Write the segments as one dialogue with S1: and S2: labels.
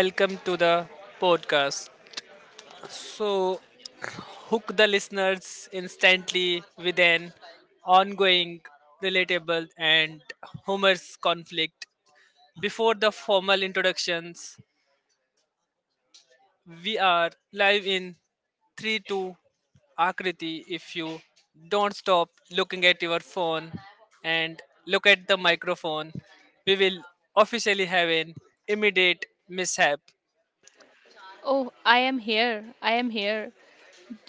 S1: Welcome to the podcast. So, hook the listeners instantly with an ongoing, relatable, and humorous conflict. Before the formal introductions, we are live in 3 2 Akriti. If you don't stop looking at your phone and look at the microphone, we will officially have an immediate mishap.
S2: Oh, I am here. I am here.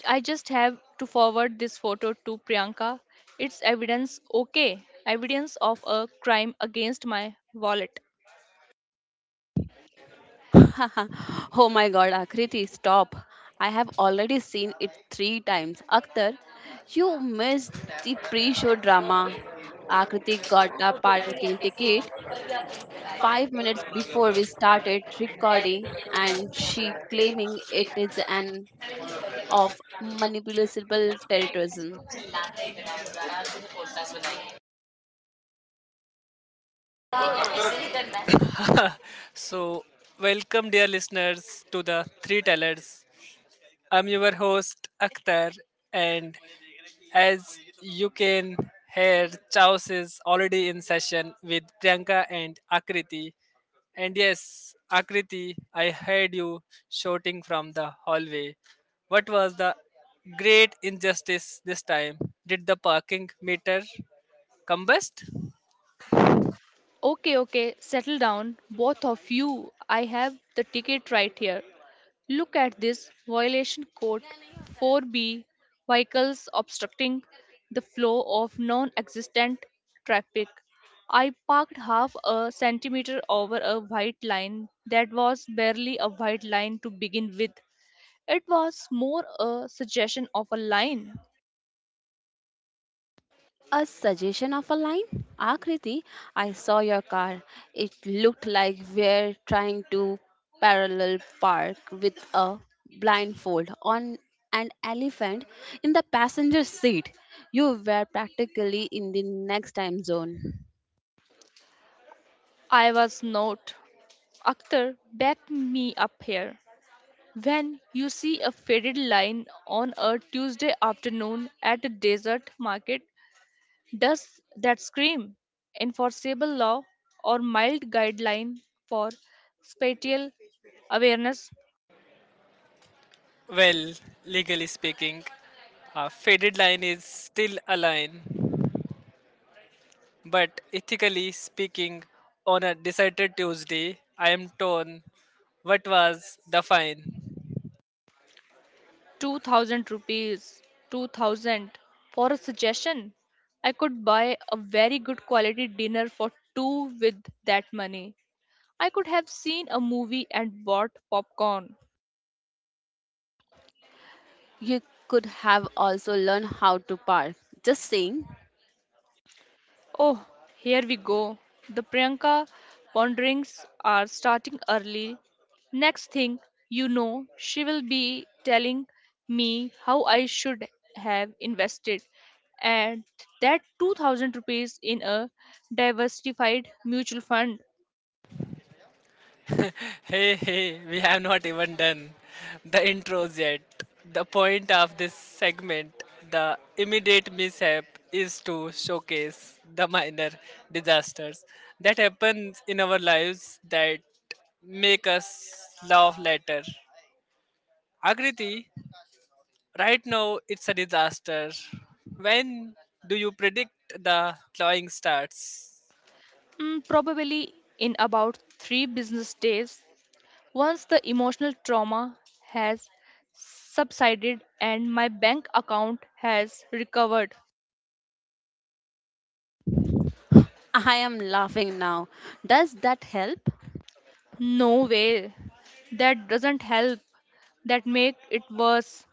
S2: I just have to forward this photo to Priyanka. It's evidence, okay, evidence of a crime against my wallet.
S3: Oh my god, Akriti, stop. I have already seen it three times. Akhtar, you missed the pre show drama. Akriti got a parking ticket 5 minutes before we started recording, and she claiming it is an of manipulable terrorism.
S1: So welcome dear listeners to the Three Tellers. I'm your host Akhtar, and as you can hear, chaos is already in session with Priyanka and Akriti. And yes, Akriti, I heard you shouting from the hallway. What was the great injustice this time? Did the parking meter combust?
S2: Okay, okay, settle down, both of you. I have the ticket right here. Look at this violation code 4B, vehicles obstructing the flow of non existent traffic. I parked half a centimeter over a white line that was barely a white line to begin with. It was more a suggestion of a line.
S3: A suggestion of a line? Akriti, I saw your car. It looked like we're trying to parallel park with a blindfold on an elephant in the passenger seat. You were practically in the next time zone.
S2: I was not. Akhtar, back me up here. When you see a faded line on a Tuesday afternoon at a desert market, does that scream enforceable law or mild guideline for spatial awareness?
S1: Well, legally speaking, a faded line is still a line. But ethically speaking, on a decided Tuesday, I am torn. What was the fine?
S2: 2000 rupees, 2000 for a suggestion. I could buy a very good quality dinner for two with that money. I could have seen a movie and bought popcorn.
S3: You could have also learned how to park. Just saying.
S2: Oh, here we go. The Priyanka ponderings are starting early. Next thing you know, she will be telling me how I should have invested and that 2000 rupees in a diversified mutual fund.
S1: Hey, hey, we have not even done the intros yet. The point of this segment, the immediate mishap, is to showcase the minor disasters that happens in our lives that make us laugh later. Agriti, right now, it's a disaster. When do you predict the clawing starts?
S2: Probably in about three business days. Once the emotional trauma has subsided and my bank account has recovered.
S3: I am laughing now. Does that help?
S2: No way. That doesn't help. That make it worse.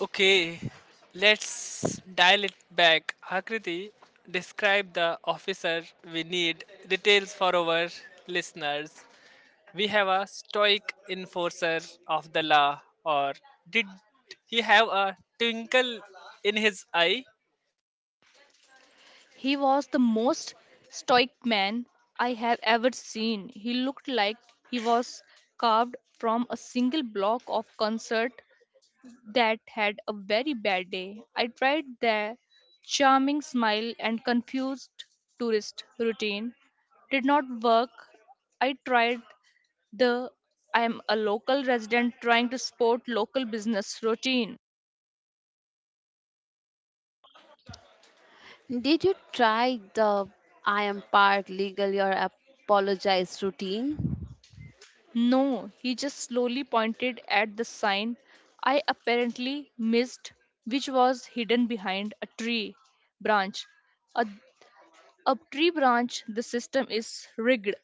S1: Okay, let's dial it back. Akriti, describe the officer we need. Details for our listeners. We have a stoic enforcer of the law, or did he have a twinkle in his eye?
S2: He was the most stoic man I have ever seen. He looked like he was carved from a single block of concert that had a very bad day. I tried the charming smile and confused tourist routine. Did not work. I tried the I am a local resident trying to support local business routine.
S3: Did you try the I am parked legally or apologize routine?
S2: No, he just slowly pointed at the sign I apparently missed, which was hidden behind a tree branch. A, a tree branch, the system is rigged.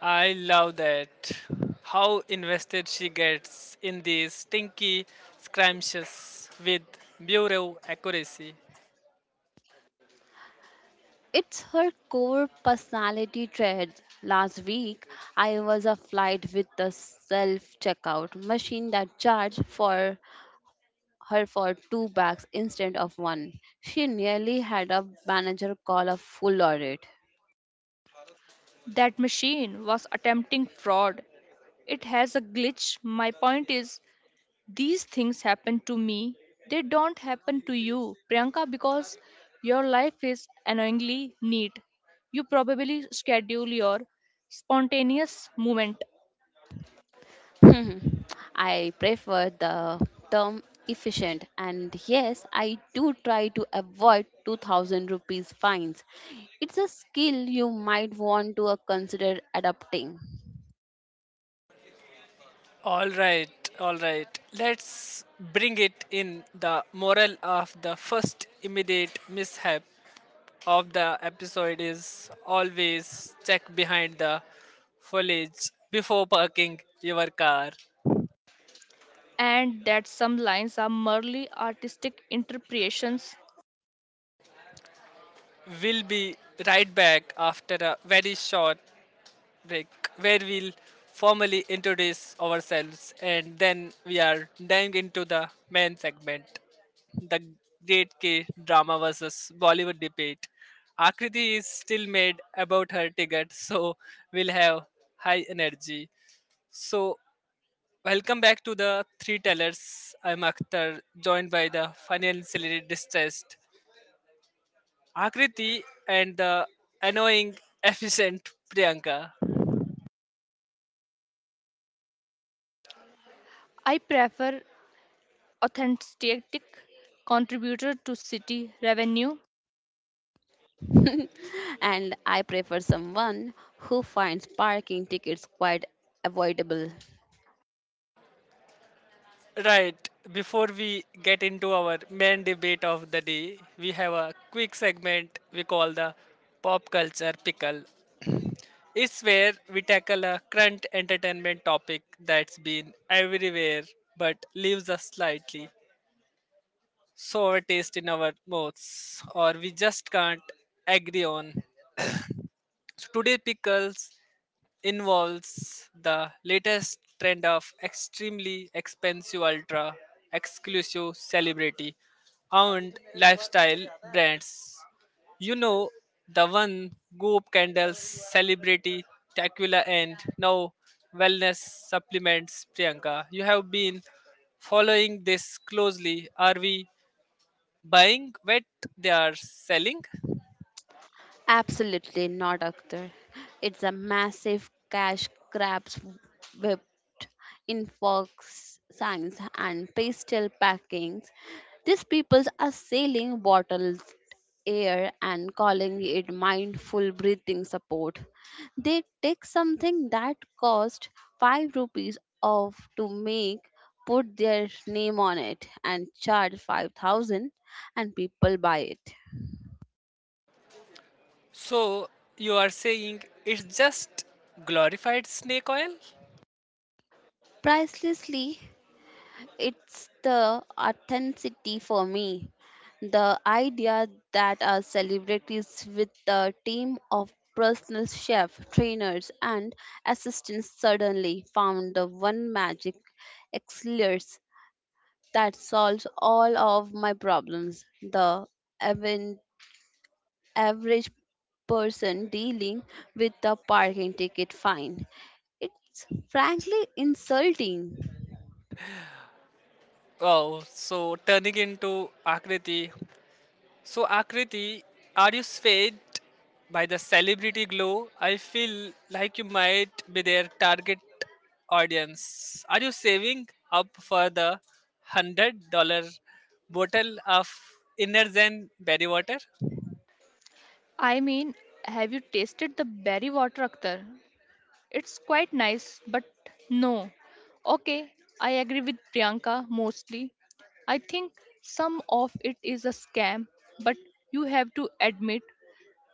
S1: I love that. How invested she gets in these stinky scrumptious with bureau accuracy.
S3: It's her core personality trait. Last week, I was a flight with the self checkout machine that charged for her for two bags instead of one. She nearly had a manager call a full audit.
S2: That machine was attempting fraud. It has a glitch. My point is, these things happen to me. They don't happen to you, Priyanka, because your life is annoyingly neat. You probably schedule your spontaneous movement
S3: Hmm. I prefer the term efficient, and yes I do try to avoid 2000 rupees fines. It's a skill you might want to consider adopting.
S1: All right, all right. Let's bring it in. The moral of the first immediate mishap of the episode is always check behind the foliage before parking your car.
S2: and that some lines are merely artistic interpretations.
S1: We'll be right back after a very short break where we'll formally introduce ourselves and then we are diving into the main segment, the great K drama versus Bollywood debate. Akriti is still mad about her ticket, so we'll have high energy. So, welcome back to the Three Tellers. I'm Akhtar, joined by the financially distressed Akriti and the annoying, efficient Priyanka.
S2: I prefer authentic contributor to city revenue.
S3: And I prefer someone who finds parking tickets quite avoidable.
S1: Right. Before we get into our main debate of the day, we have a quick segment we call the Pop Culture Pickle. It's where we tackle a current entertainment topic that's been everywhere but leaves us slightly sour taste in our mouths or we just can't agree on. So today pickles involves the latest trend of extremely expensive ultra exclusive celebrity owned lifestyle brands. You know, the one Goop Candles, celebrity Tequila, and now wellness supplements. Priyanka, you have been following this closely. Are we buying what they are selling?
S3: Absolutely not, Akhtar. It's a massive cash grab whipped in fox signs and pastel packings. These people are selling bottled air and calling it mindful breathing support. They take something that cost 5 rupees off to make, put their name on it, and charge 5,000, and people buy it
S1: So you are saying it's just glorified snake oil?
S3: pricelessly. It's the authenticity for me. The idea that our celebrities with a team of personal chef, trainers, and assistants suddenly found the one magic elixir that solves all of my problems. The aven- average person dealing with a parking ticket fine. It's frankly insulting.
S1: Oh, so turning into Akriti. So, Akriti, are you swayed by the celebrity glow? I feel like you might be their target audience. Are you saving up for the $100 bottle of Inner Zen berry water?
S2: I mean, have you tasted the berry water, Akhtar? It's quite nice, but no. Okay, I agree with Priyanka mostly. I think some of it is a scam, but you have to admit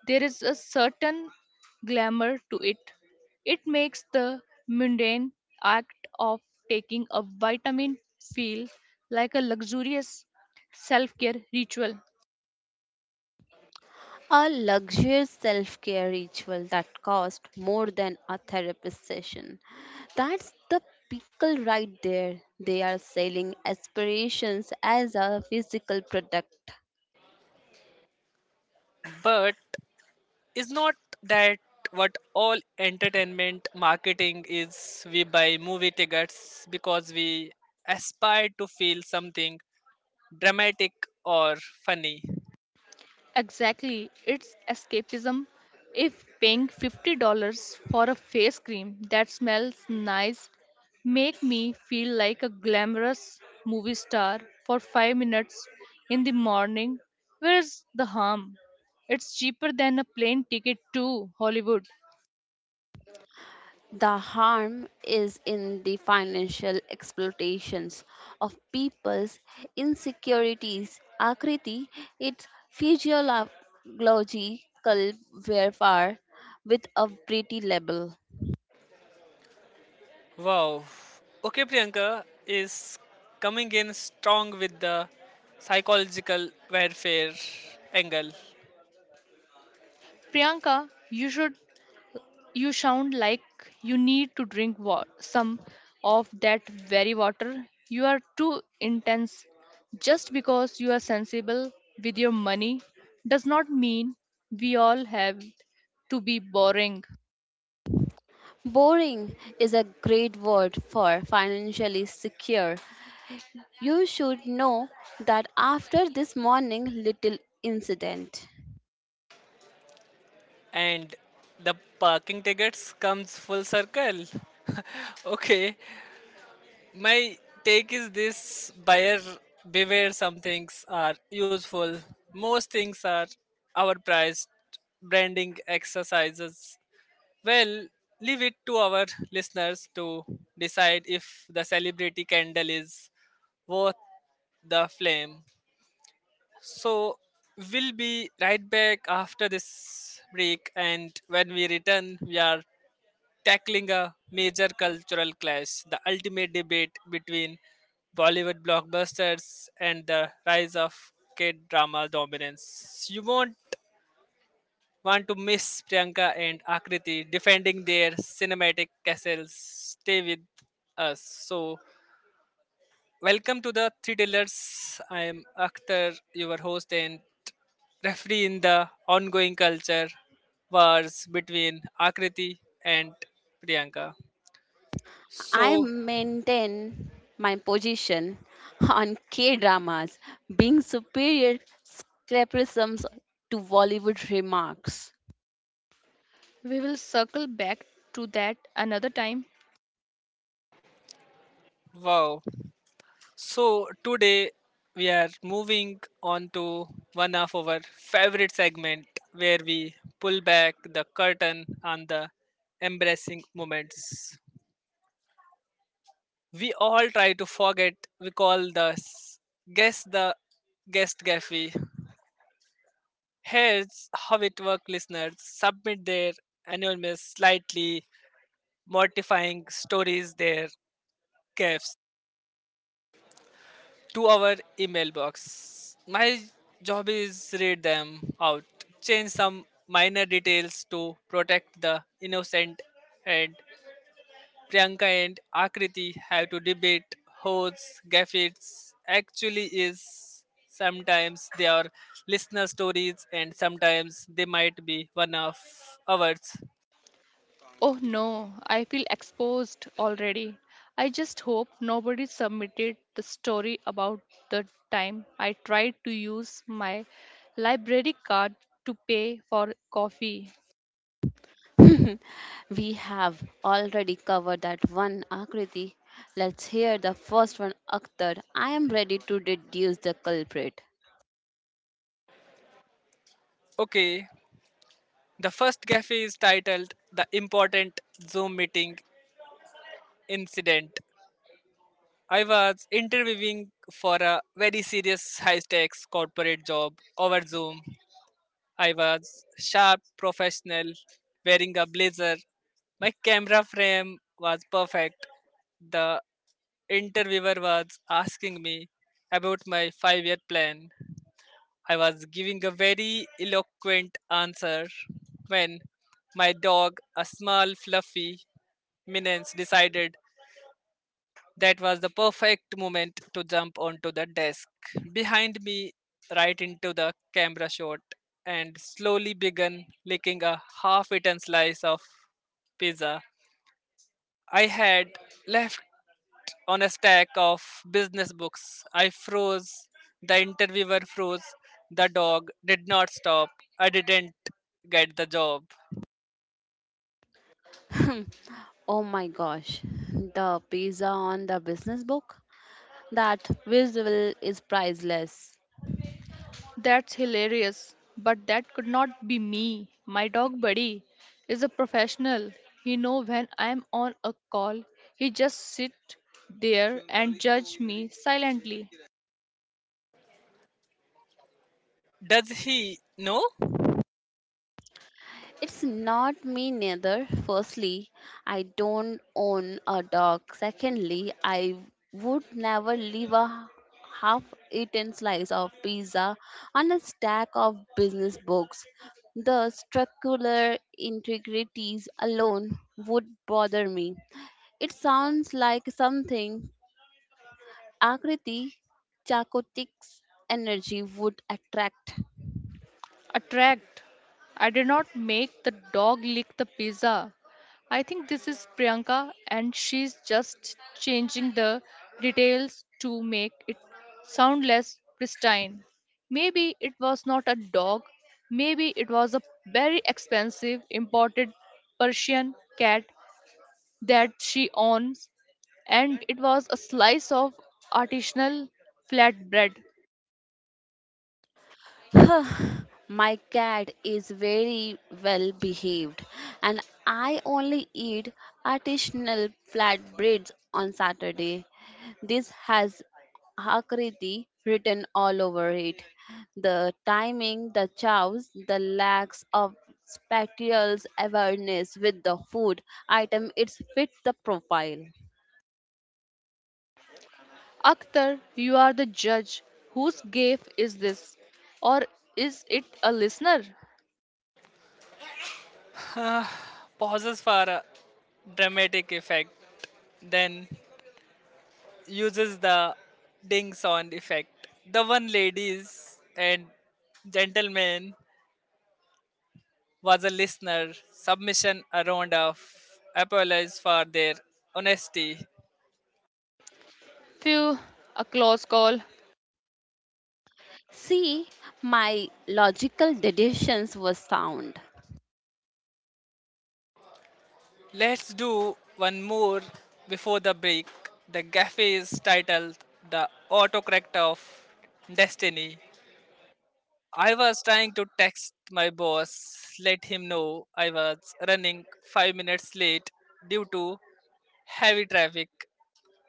S2: there is a certain glamour to it. It makes the mundane act of taking a vitamin feel like a luxurious self care ritual.
S3: A luxurious self care ritual that cost more than a therapist session. That's the pickle right there. They are selling aspirations as a physical product.
S1: But is not that what all entertainment marketing is? We buy movie tickets because we aspire to feel something dramatic or funny.
S2: Exactly, it's escapism. If paying $50 for a face cream that smells nice make me feel like a glamorous movie star for 5 minutes in the morning, where's the harm? It's cheaper than a plane ticket to Hollywood.
S3: The harm is in the financial exploitations of people's insecurities. Akriti, it's physiological warfare with a pretty label.
S1: Wow. Okay, Priyanka is coming in strong with the psychological warfare angle,
S2: Priyanka, you sound like you need to drink some of that very water. You are too intense. Just because you are sensible with your money does not mean we all have to be boring.
S3: Boring is a great word for financially secure. You should know that after this morning little incident,
S1: and the parking tickets comes full circle. Okay, my take is this: buyer beware. Some things are useful. Most things are overpriced. Branding exercises. Well, leave it to our listeners to decide if the celebrity candle is worth the flame. So, we'll be right back after this break, and when we return, we are tackling a major cultural clash, the ultimate debate between Bollywood blockbusters and the rise of K drama dominance. You won't want to miss Priyanka and Akriti defending their cinematic castles. Stay with us. So, welcome to the Three Dealers. I am Akhtar, your host and referee in the ongoing culture wars between Akriti and Priyanka.
S3: I
S1: So,
S3: maintain my position on K dramas being superior scrapisms to Bollywood remarks.
S2: We will circle back to that another time.
S1: wow, so today we are moving on to one of our favorite segment where we pull back the curtain on the embarrassing moments. We all try to forget. We call the guess the guest gaffy. Here's how it works. Listeners submit their anonymous, slightly mortifying stories. Their gaffes to our email box. My job is read them out, change some minor details to protect the innocent, and Priyanka and Akriti have to debate whose gaffes actually is. Sometimes they are listener stories and sometimes they might be one of ours.
S2: Oh no, I feel exposed already. I just hope nobody submitted the story about the time I tried to use my library card to pay for coffee.
S3: We have already covered that one, Akriti. Let's hear the first one, Akhtar. I am ready to deduce the culprit.
S1: Okay, the first gaffe is titled The Important Zoom Meeting Incident. I was interviewing for a very serious high stakes corporate job over Zoom. I was sharp, professional, wearing a blazer. My camera frame was perfect. The interviewer was asking me about my 5 year plan. I was giving a very eloquent answer when my dog, a small, fluffy menace, decided that was the perfect moment to jump onto the desk behind me, right into the camera shot, and slowly began licking a half eaten slice of pizza I had left on a stack of business books. I froze. The interviewer froze. The dog did not stop. I didn't get the job.
S3: Oh my gosh, the pizza on the business book? That visual is priceless.
S2: That's hilarious, but that could not be me. My dog buddy is a professional. He know when I'm on a call. He just sit there and judge me silently.
S1: Does he know?
S3: It's not me neither. Firstly, I don't own a dog. Secondly, I would never leave a half eaten slice of pizza on a stack of business books. The structural integrities alone would bother me. It sounds like something Akriti Chakotik's energy would attract.
S2: Attract. I did not make the dog lick the pizza. I think this is Priyanka and she's just changing the details to make it sound less pristine. Maybe it was not a dog, maybe it was a very expensive imported Persian cat that she owns, and it was a slice of artisanal flatbread.
S3: "Huh, my cat is very well behaved, and I only eat artisanal flatbreads on Saturday. This has Akriti written all over it. The timing, the chows, the lacks of spatial awareness with the food item, it fits the profile.
S2: Akhtar, you are the judge. Whose gaffe is this? Or is it a listener?
S1: Pauses for a dramatic effect. Then uses the ding sound effect. The one, ladies and gentlemen, was a listener submission. Around of apologies for their honesty.
S2: Phew, a close call.
S3: See, my logical deductions were sound.
S1: Let's do one more before the break. The cafe is titled The Autocorrect of Destiny. I was trying to text my boss, let him know I was running 5 minutes late due to heavy traffic.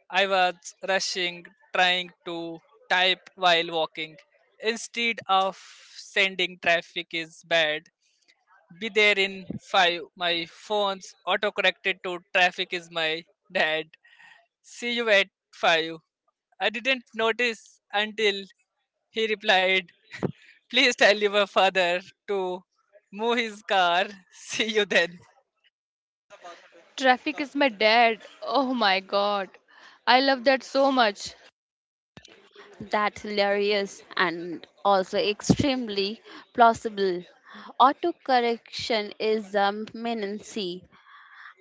S1: I was rushing, trying to type while walking. Instead of sending traffic is bad, be there in five, my phone's autocorrected to traffic is my dad. See you at five. I didn't notice until he replied, please tell your father to move his car. See you then.
S2: Traffic is my dad. Oh my god. I love that so much.
S3: That hilarious and also extremely plausible. Autocorrection is a menace.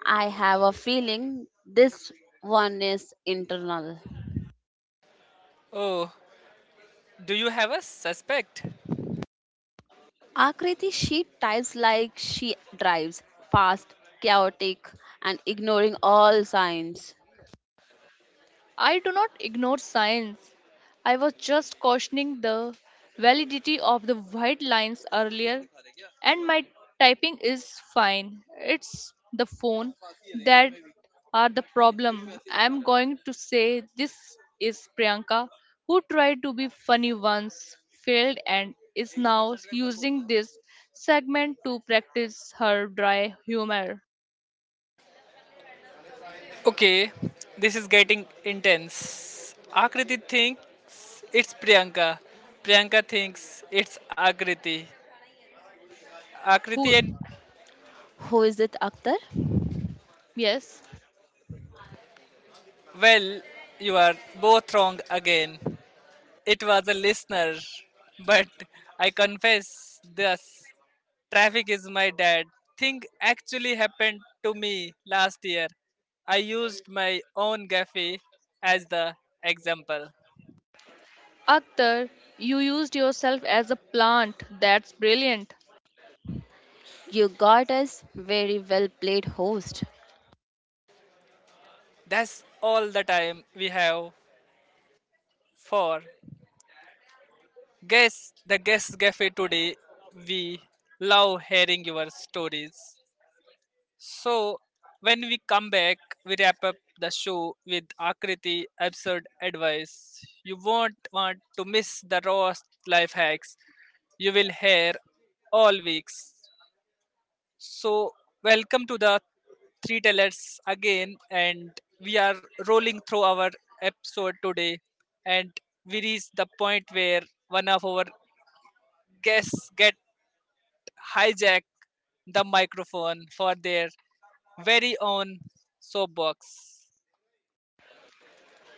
S3: I have a feeling this one is internal.
S1: Oh, do you have a suspect?
S3: Akriti, she types like she drives, fast, chaotic, and ignoring all signs.
S2: I do not ignore science. I was just cautioning the validity of the white lines earlier, and my typing is fine. It's the phone that are the problem. I'm going to say this is Priyanka, who tried to be funny once, failed, and is now using this segment to practice her dry humor.
S1: Okay, this is getting intense. Akriti thinks it's Priyanka. Priyanka thinks it's Akriti.
S2: Who,
S1: Akriti and
S3: Who is it, Akhtar?
S2: yes.
S1: well, you are both wrong again. It was a listener, but I confess this traffic is my dad thing actually happened to me last year. I used my own gaffe as the example.
S2: Akhtar, you used yourself as a plant. That's brilliant.
S3: You got us very well played host.
S1: That's all the time we have for Guess the Guest Cafe today. We love hearing your stories. So when we come back, we wrap up the show with Akriti absurd advice. You won't want to miss the rawest life hacks you will hear all weeks. So welcome to the three tellers again, and we are rolling through our episode today, and we reach the point where one of our guests get hijack the microphone for their very own soapbox.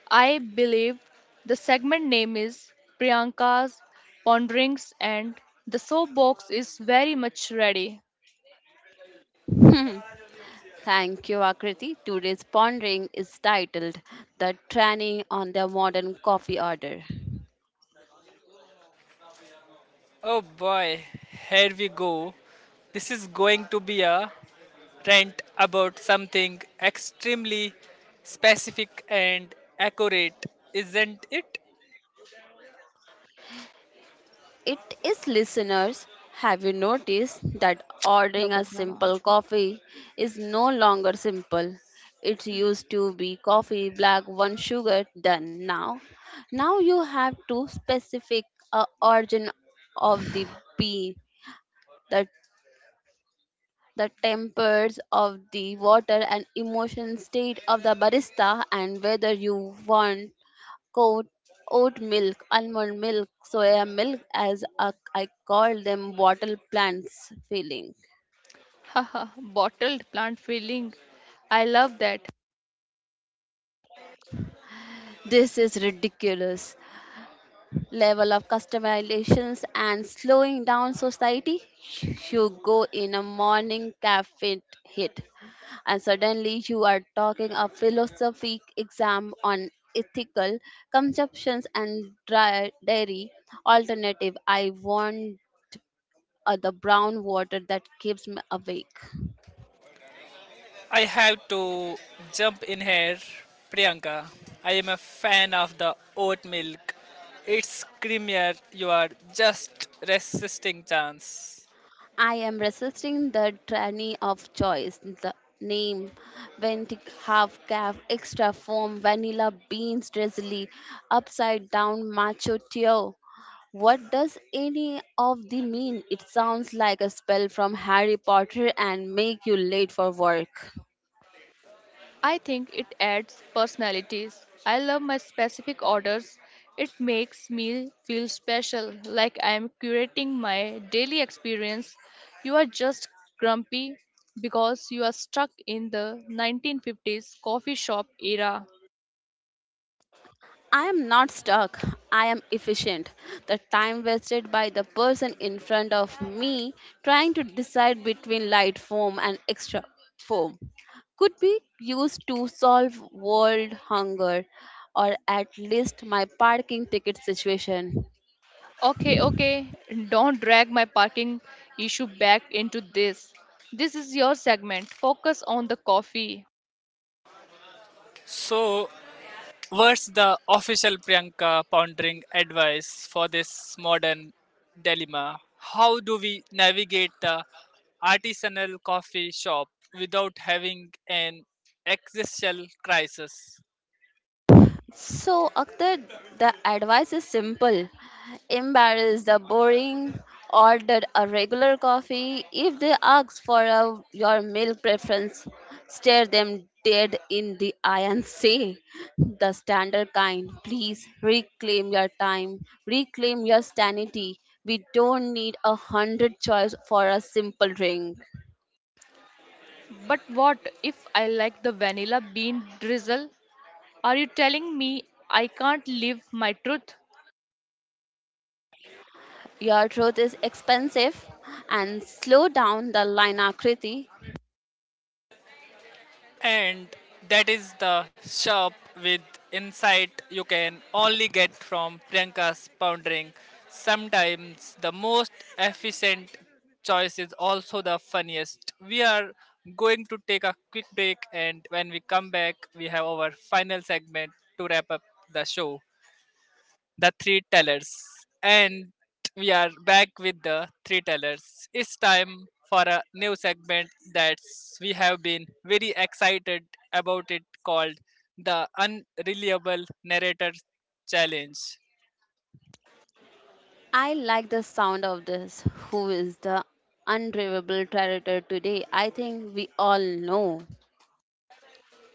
S2: I believe the segment name is Priyanka's Ponderings and the soapbox is very much ready.
S3: Thank you, Akriti. Today's pondering is titled The Training on the Modern Coffee Order.
S1: Oh boy, here we go. This is going to be a rant about something extremely specific and accurate, isn't it?
S3: It is listeners, have you noticed that ordering a simple coffee is no longer simple? It used to be coffee, black, one sugar, done. Now you have to specific a origin of the bean, the the tempers of the water and emotion state of the barista, and whether you want oat, oat milk, almond milk, soya milk as a, I call them bottle plants feeling.
S2: Haha, bottled plant feeling. I love that.
S3: This is ridiculous level of customizations and slowing down society. You go in a morning cafe hit and suddenly you are talking a philosophy exam on ethical consumptions and dry dairy alternative. I want the brown water that keeps me awake.
S1: I have to jump in here, Priyanka. I am a fan of the oat milk. It's creamier, you are just resisting chance.
S3: I am resisting the tyranny of choice. The name went half calf extra foam vanilla beans drizzly upside down macho tio. What does any of the mean? It sounds like a spell from Harry Potter and make you late for work.
S2: I think it adds personalities. I love my specific orders. It makes me feel special, like I am curating my daily experience. You are just grumpy because you are stuck in the 1950s coffee shop era.
S3: I am not stuck. I am efficient. The time wasted by the person in front of me trying to decide between light foam and extra foam could be used to solve world hunger, or at least my parking ticket situation.
S2: Okay, okay, don't drag my parking issue back into this. This is your segment. Focus on the coffee.
S1: So what's the official Priyanka pondering advice for this modern dilemma? How do we navigate the artisanal coffee shop without having an existential crisis?
S3: So, Akhtar, the advice is simple. Embarrass the boring, order a regular coffee. If they ask for a, your milk preference, stare them dead in the eye and say, the standard kind, please. Reclaim your time, reclaim your sanity. We don't need a hundred choice for a simple drink.
S2: But what if I like the vanilla bean drizzle? Are you telling me I can't live my truth?
S3: Your truth is expensive and slow down the line, Akriti.
S1: And that is the shop with insight you can only get from Priyanka's pondering. Sometimes the most efficient choice is also the funniest. We are going to take a quick break, and when we come back, we have our final segment to wrap up the show, the three tellers. And we are back with the three tellers. It's time for a new segment that we have been very excited about it, called the unreliable narrator challenge.
S3: I like the sound of this. Who is the undriveable traitor today? I think we all know.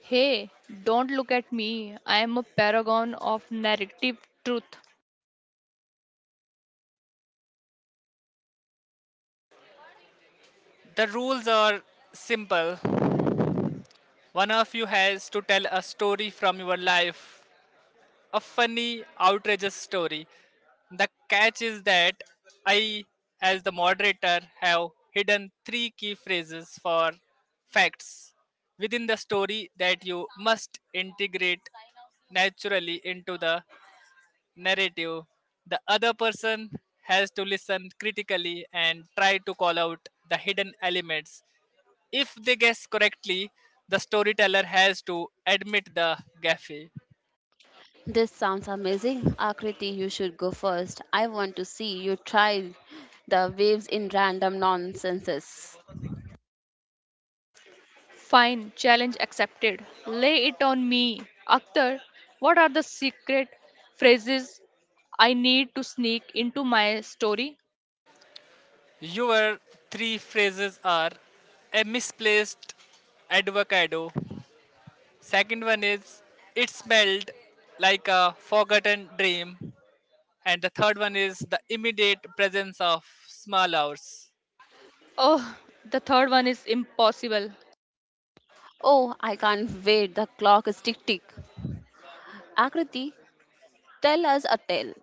S2: Hey, don't look at me. I am a paragon of narrative truth.
S1: The rules are simple. One of you has to tell a story from your life, a funny, outrageous story. The catch is that I, as the moderator, have hidden three key phrases for facts within the story that you must integrate naturally into the narrative. The other person has to listen critically and try to call out the hidden elements. If they guess correctly, the storyteller has to admit the gaffe.
S3: This sounds amazing. Akriti, you should go first. I want to see you try the waves in random nonsenses.
S2: Fine, challenge accepted. Lay it on me. Akhtar, what are the secret phrases I need to sneak into my story?
S1: Your three phrases are a misplaced avocado. Second one is it smelled like a forgotten dream. And the third one is the immediate presence of small hours.
S2: Oh, the third one is impossible.
S3: Oh, I can't wait. The clock is tick tick. Akriti, tell us a tale.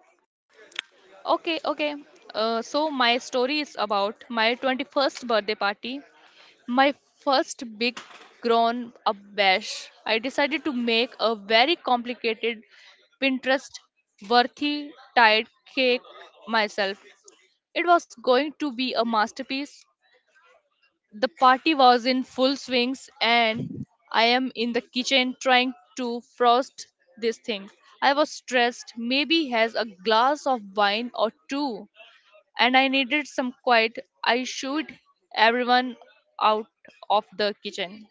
S2: Okay, okay. So, my story is about my 21st birthday party. My first big grown up bash, I decided to make a very complicated Pinterest worthy tied cake myself. It was going to be a masterpiece. The party was in full swings and I am in the kitchen trying to frost this thing. I was stressed, maybe has a glass of wine or two, and I needed some quiet. I shooed everyone out of the kitchen.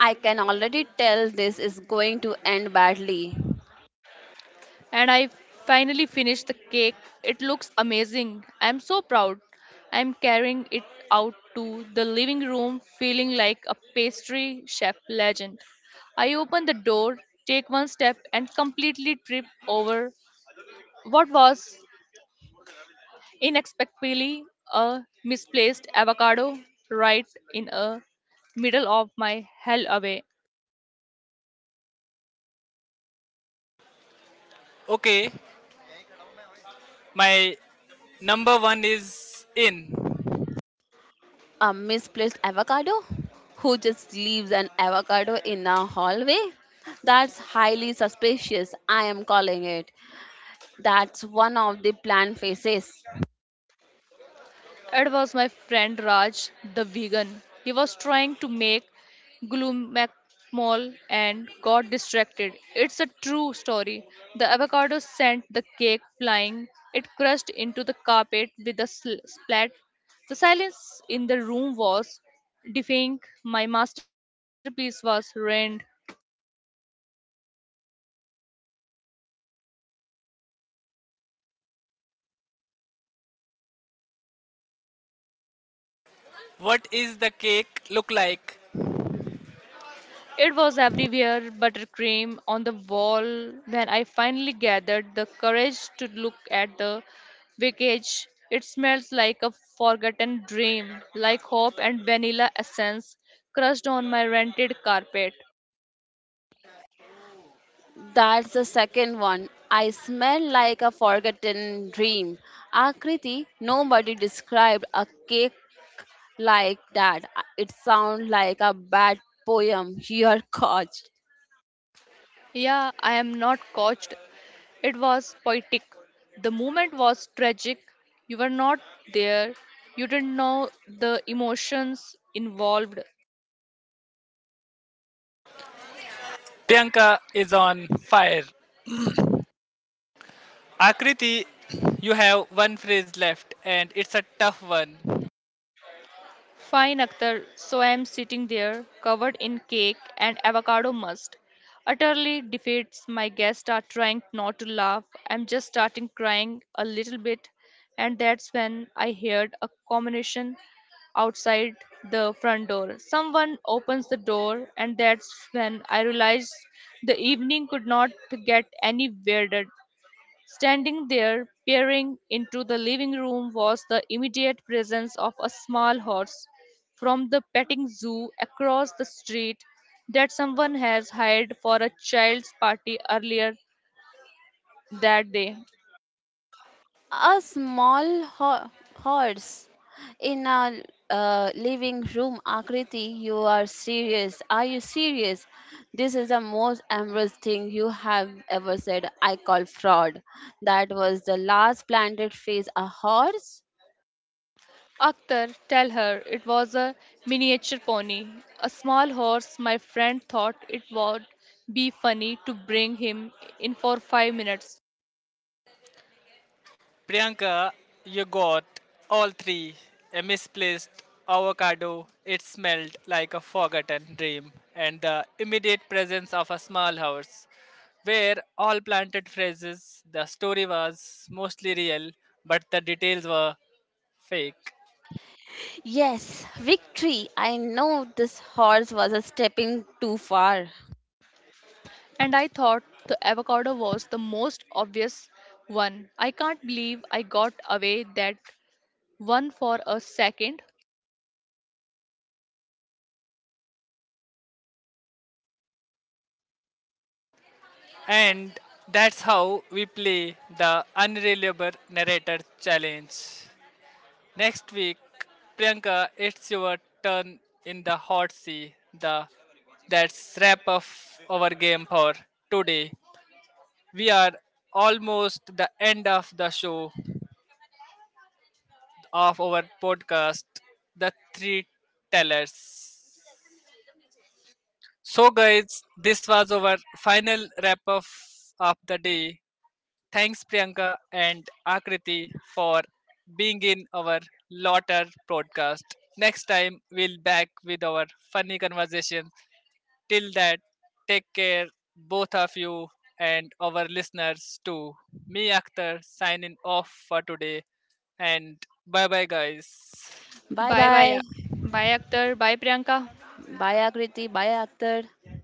S3: I can already tell this is going to end badly.
S2: And I finally finished the cake. It looks amazing. I'm so proud. I'm carrying it out to the living room feeling like a pastry chef legend. I open the door, take one step, and completely trip over what was inexplicably a misplaced avocado right in a middle of my hell away.
S1: Okay, my number one is in.
S3: A misplaced avocado who just leaves an avocado in a hallway. That's highly suspicious, I am calling it. That's one of the plant faces.
S2: It was my friend Raj, the vegan. He was trying to make glumacmol and got distracted. It's a true story. The avocado sent the cake flying. It crashed into the carpet with a splat. The silence in the room was deafening. My masterpiece was ruined.
S1: What is the cake look like?
S2: It was everywhere, buttercream on the wall. When I finally gathered the courage to look at the wreckage, it smells like a forgotten dream, like hope and vanilla essence crushed on my rented carpet.
S3: That's the second one. I smell like a forgotten dream. Akriti, nobody described a cake like that. It sounds like a bad poem. You're caught.
S2: Yeah, I am not coached. It was poetic. The moment was tragic. You were not there. You didn't know the emotions involved.
S1: Priyanka is on fire. Akriti, you have one phrase left and it's a tough one.
S2: Fine, Akhtar. So I am sitting there, covered in cake and avocado must. Utterly defeats my guests are trying not to laugh. I'm just starting crying a little bit, and that's when I heard a combination outside the front door. Someone opens the door, and that's when I realized the evening could not get any weirder. Standing there, peering into the living room, was the immediate presence of a small horse from the petting zoo across the street that someone has hired for a child's party earlier that day.
S3: A small horse in a living room, Akriti. You are serious. Are you serious? This is the most amorous thing you have ever said. I call fraud. That was the last planted face. A horse?
S2: Akhtar, tell her it was a miniature pony, a small horse. My friend thought it would be funny to bring him in for 5 minutes
S1: Priyanka, you got all three. A misplaced avocado, it smelled like a forgotten dream, and the immediate presence of a small house where all planted phrases. The story was mostly real, but the details were fake.
S3: Yes, victory. I know this horse was a stepping too far.
S2: and I thought the avocado was the most obvious one. I can't believe I got away that one for a second.
S1: And that's how we play the unreliable narrator challenge. Next week, Priyanka, it's your turn in the hot seat. The that's wrap up our game for today. We are almost the end of the show of our podcast, The Three Tellers. So guys, this was our final wrap up of the day. Thanks, Priyanka and Akriti, for being in our Lotter podcast. Next time, we'll back with our funny conversation. Till that, take care, both of you and our listeners too. Me, Akhtar, signing off for today. And bye bye, guys.
S3: Bye
S2: Bye bye.
S3: bye.
S2: Bye Akhtar. Bye Priyanka.
S3: Bye, Akriti. Bye, Akhtar.